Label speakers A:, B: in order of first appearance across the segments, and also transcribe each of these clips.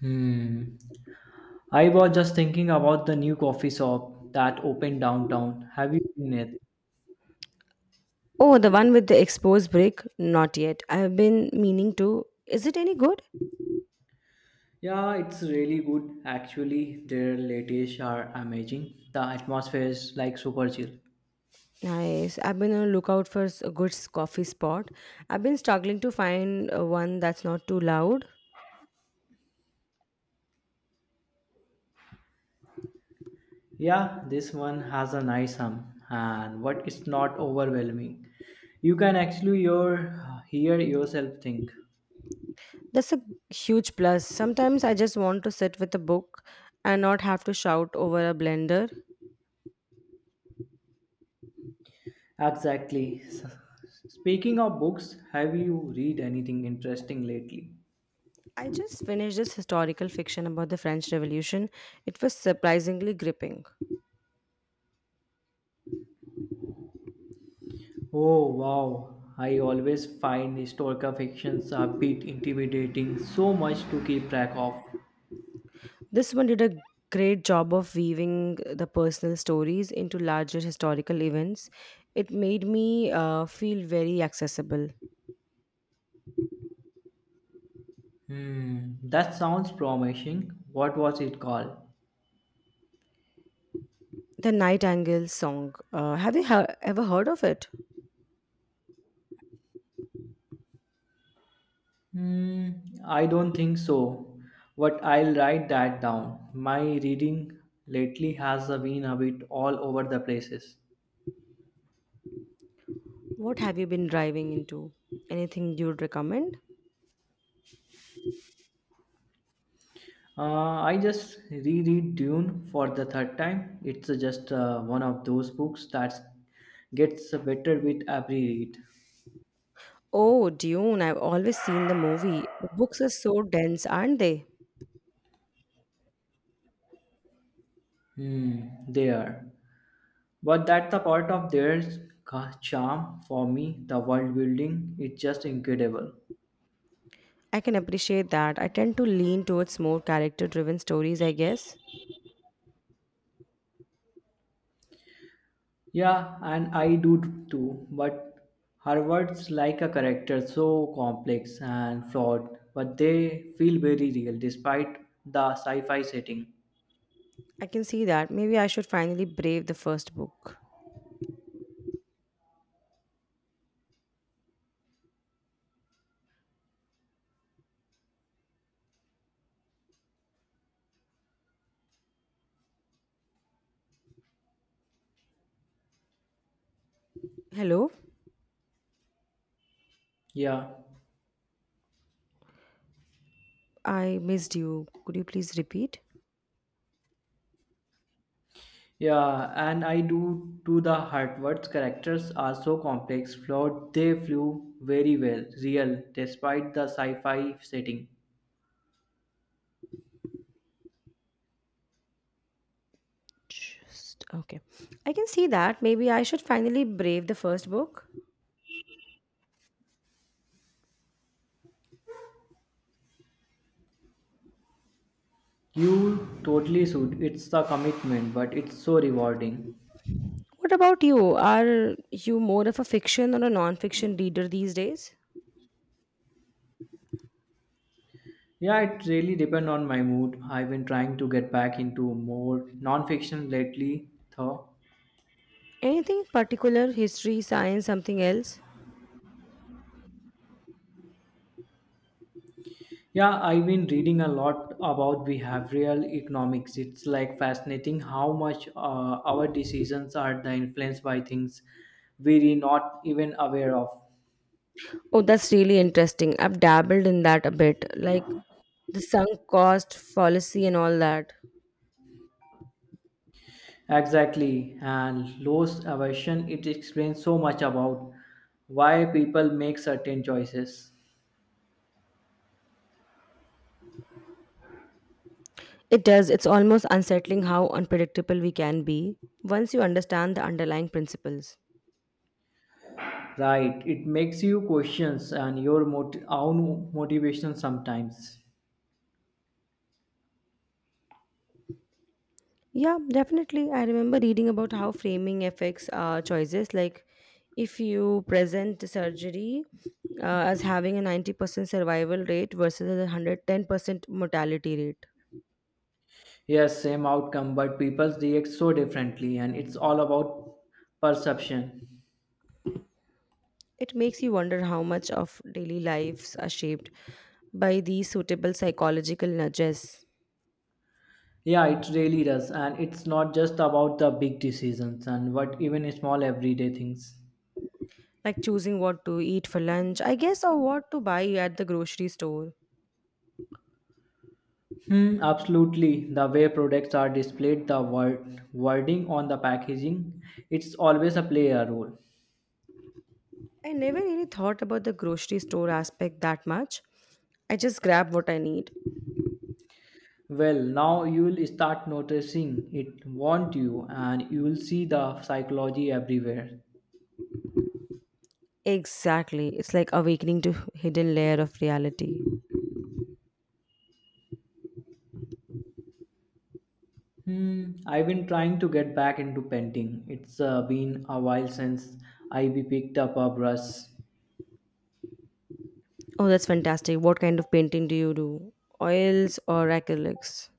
A: Hmm. I was just thinking about the new coffee shop that opened downtown. Have you seen it?
B: Oh, the one with the exposed brick? Not yet. I've been meaning to. Is it any good?
A: Yeah, it's really good. Actually, their latte's are amazing. The atmosphere is like super chill.
B: Nice. I've been on the lookout for a good coffee spot. I've been struggling to find one that's not too loud.
A: Yeah, this one has a nice hum, and what it's not overwhelming. You can actually hear yourself think.
B: That's a huge plus. Sometimes I just want to sit with a book and not have to shout over a blender.
A: Exactly. Speaking of books, have you read anything interesting lately?
B: I just finished this historical fiction about the French Revolution. It was surprisingly gripping.
A: Oh wow, I always find historical fictions a bit intimidating, so much to keep track of.
B: This one did a great job of weaving the personal stories into larger historical events. It made me feel very accessible.
A: Hmm, that sounds promising. What was it called?
B: The Night Angle song. Have you ever heard of it?
A: Hmm, I don't think so, but I'll write that down. My reading lately has been a bit all over the places.
B: What have you been driving into? Anything you'd recommend?
A: I just reread Dune for the third time. It's just one of those books that gets better with every read.
B: Oh, Dune. I've always seen the movie. The books are so dense, aren't they?
A: Hmm, they are. But that's the part of their charm for me. The world building is just incredible.
B: I can appreciate that. I tend to lean towards more character driven stories, I guess.
A: Yeah, and I do too. But Harvard's like a character so complex and flawed, but they feel very real despite the sci-fi setting.
B: I can see that. Maybe I should finally brave the first book. Hello?
A: Yeah,
B: I missed you. Could you please repeat?
A: yeah, and I do too. The Harvard's characters are so complex, flawed. They flew very well, real despite the sci-fi setting.
B: Just okay. I can see that. Maybe I should finally brave the first book.
A: You totally should. It's a commitment, but it's so rewarding.
B: What about you? Are you more of a fiction or a non-fiction reader these days?
A: Yeah, it really depends on my mood. I've been trying to get back into more non-fiction lately, though.
B: Anything particular? History, science, something else?
A: Yeah, I've been reading a lot about behavioral economics. It's like fascinating how much our decisions are the influenced by things we're not even aware of.
B: Oh, that's really interesting. I've dabbled in that a bit, like the sunk cost fallacy and all that.
A: Exactly, and loss aversion. It explains so much about why people make certain choices.
B: It does. It's almost unsettling how unpredictable we can be once you understand the underlying principles.
A: Right. It makes you questions and your own motivation sometimes.
B: Yeah, definitely. I remember reading about how framing affects choices. Like, if you present the surgery as having a 90% survival rate versus a 110% mortality rate,
A: Yes, same outcome, but people react so differently, and it's all about perception.
B: it makes you wonder how much of daily lives are shaped by these suitable psychological nudges,
A: Yeah, it really does, and it's not just about the big decisions and what even small everyday things.
B: like choosing what to eat for lunch, I guess, or what to buy at the grocery store.
A: Hmm, absolutely. The way products are displayed, the wording on the packaging, it's always a player role.
B: I never really thought about the grocery store aspect that much. I just grab what I need.
A: Well, now you'll start noticing it, won't you? And you'll see the psychology everywhere.
B: Exactly. It's like awakening to hidden layer of reality.
A: Hmm, I've been trying to get back into painting. It's been a while since I be picked up a brush.
B: Oh, that's fantastic. What kind of painting do you do? Oils or acrylics?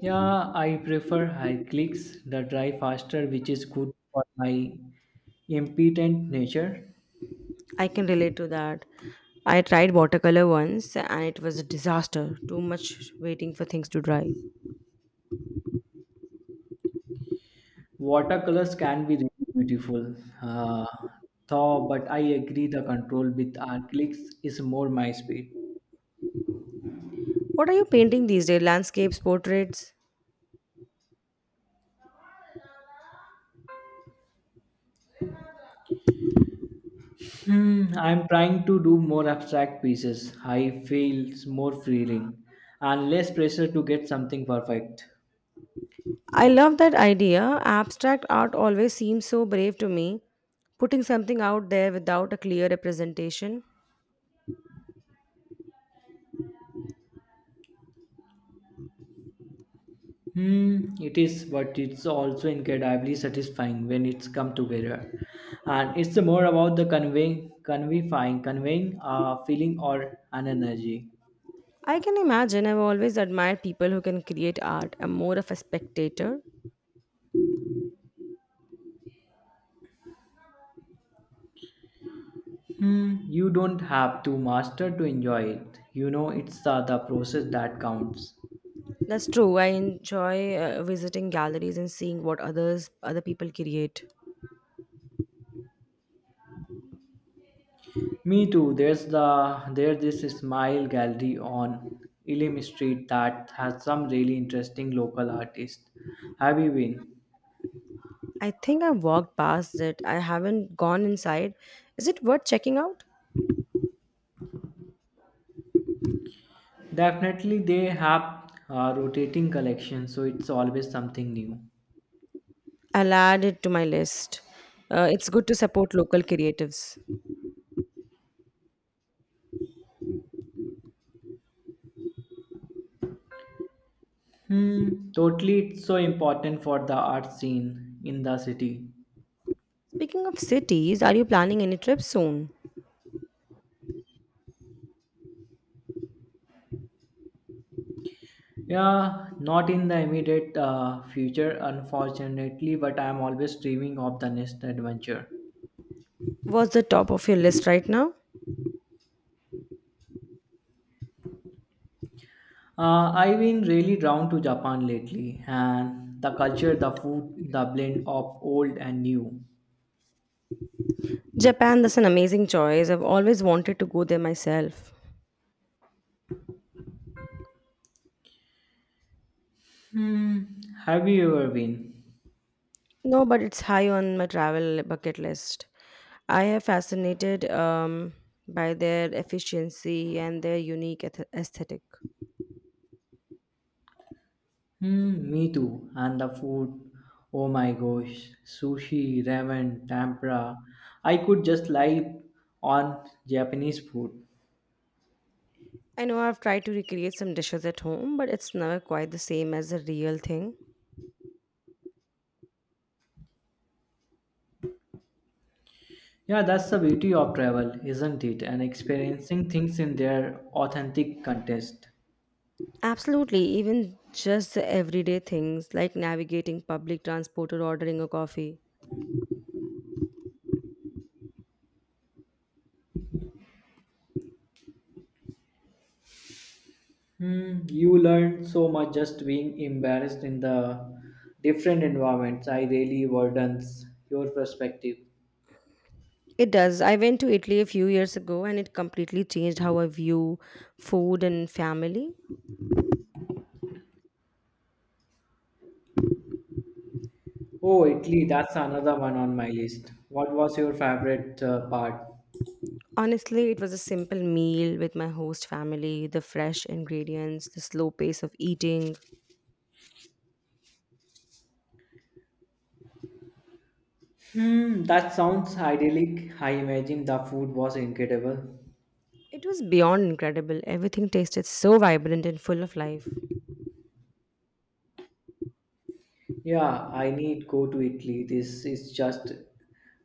A: Yeah, I prefer acrylics that dry faster, which is good for my impedant nature.
B: I can relate to that. I tried watercolor once and it was a disaster. Too much waiting for things to dry.
A: Watercolors can be really beautiful, uh, though, but I agree the control with acrylics is more my speed.
B: What are you painting these days? Landscapes, portraits?
A: Hmm, I'm trying to do more abstract pieces. I feels more freeing and less pressure to get something perfect.
B: I love that idea. Abstract art always seems so brave to me. Putting something out there without a clear representation.
A: Hmm, it is, but it's also incredibly satisfying when it's come together. And it's more about the conveying a feeling or an energy.
B: I can imagine. I've always admired people who can create art. I'm more of a spectator.
A: Hmm, you don't have to master to enjoy it. You know, it's the process that counts.
B: That's true. I enjoy visiting galleries and seeing what other people create.
A: Me too. There's this Smile Gallery on Elim Street that has some really interesting local artists. Have you been?
B: I think I walked past it. I haven't gone inside. Is it worth checking out?
A: Definitely, they have rotating collections, so it's always something new.
B: I'll add it to my list. It's good to support local creatives.
A: Hmm. Totally, it's so important for the art scene in the city.
B: Speaking of cities, are you planning any trips soon?
A: Yeah, not in the immediate future, unfortunately, but I'm always dreaming of the next adventure.
B: What's the top of your list right now?
A: I've been really drawn to Japan lately, and the culture, the food, the blend of old and new.
B: Japan, that's an amazing choice. I've always wanted to go there myself.
A: Hmm, have you ever been?
B: No, but it's high on my travel bucket list. I have fascinated by their efficiency and their aesthetic.
A: Hmm, me too. And the food, oh my gosh, sushi, ramen, tempura. I could just lie on Japanese food.
B: I know I've tried to recreate some dishes at home, but it's never quite the same as a real thing.
A: Yeah, that's the beauty of travel, isn't it? And experiencing things in their authentic context.
B: Absolutely, even just the everyday things like navigating public transport or ordering a coffee.
A: Hmm, you learn so much just being embarrassed in the different environments. I really widens your perspective.
B: It does. I went to Italy a few years ago and it completely changed how I view food and family.
A: Oh, Italy, that's another one on my list. What was your favorite part?
B: Honestly, it was a simple meal with my host family, the fresh ingredients, the slow pace of eating.
A: Hmm, that sounds idyllic. I imagine the food was incredible.
B: It was beyond incredible. Everything tasted so vibrant and full of life.
A: Yeah, I need go to Italy. This is just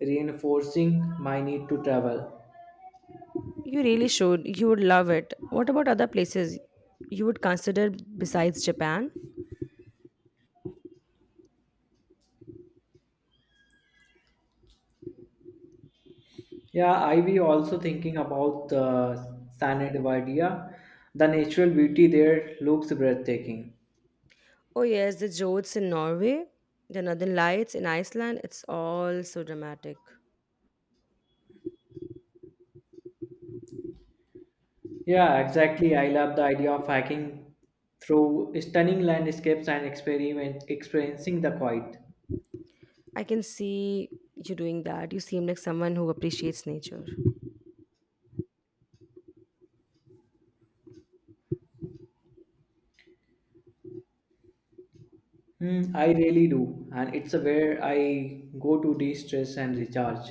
A: reinforcing my need to travel.
B: You really should. You would love it. What about other places you would consider besides Japan?
A: Yeah, I we also thinking about the San Edvardia. The natural beauty there looks breathtaking.
B: Oh, yes, the Jodes in Norway, the Northern Lights in Iceland. It's all so dramatic.
A: Yeah, exactly. I love the idea of hiking through stunning landscapes and experiment experiencing the quiet.
B: I can see you doing that. You seem like someone who appreciates nature.
A: Hmm, I really do, and it's where I go to de-stress and recharge.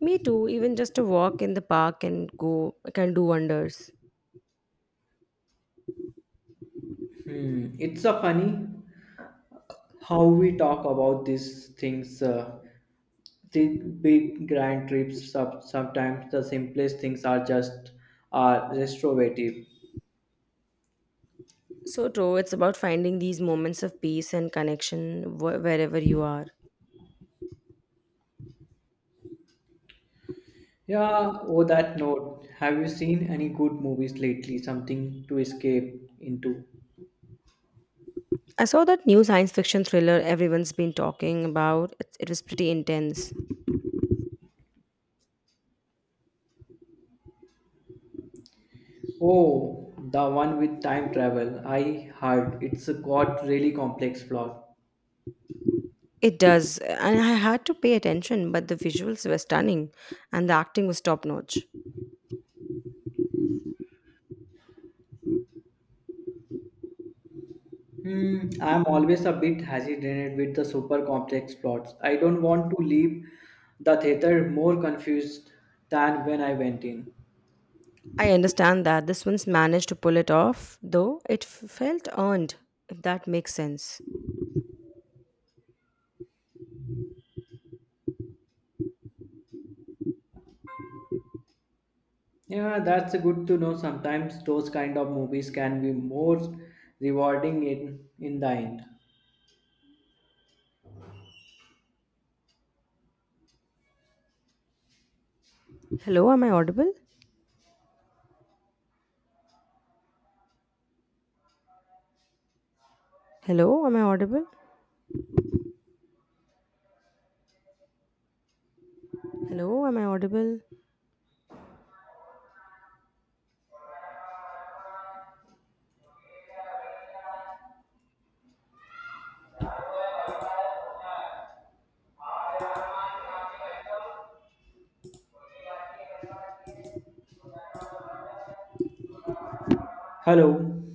B: Me too, even just a walk in the park can do wonders.
A: Hmm, it's a funny how we talk about these things. Think big grand trips. Sometimes the simplest things are restorative.
B: So true, it's about finding these moments of peace and connection wherever you are.
A: Yeah, oh that note. Have you seen any good movies lately? Something to escape into.
B: I saw that new science fiction thriller everyone's been talking about. It was pretty intense.
A: Oh, the one with time travel. I heard it's got really complex plot.
B: It does, and I had to pay attention, but the visuals were stunning and the acting was top notch.
A: Hmm, I'm always a bit hesitant with the super complex plots. I don't want to leave the theater more confused than when I went in.
B: I understand that this one's managed to pull it off, though felt earned, if that makes sense.
A: Yeah, that's good to know. Sometimes those kind of movies can be more rewarding in the end.
B: Hello, am I audible? Hello, am I audible? Hello, am I audible?
A: Hello.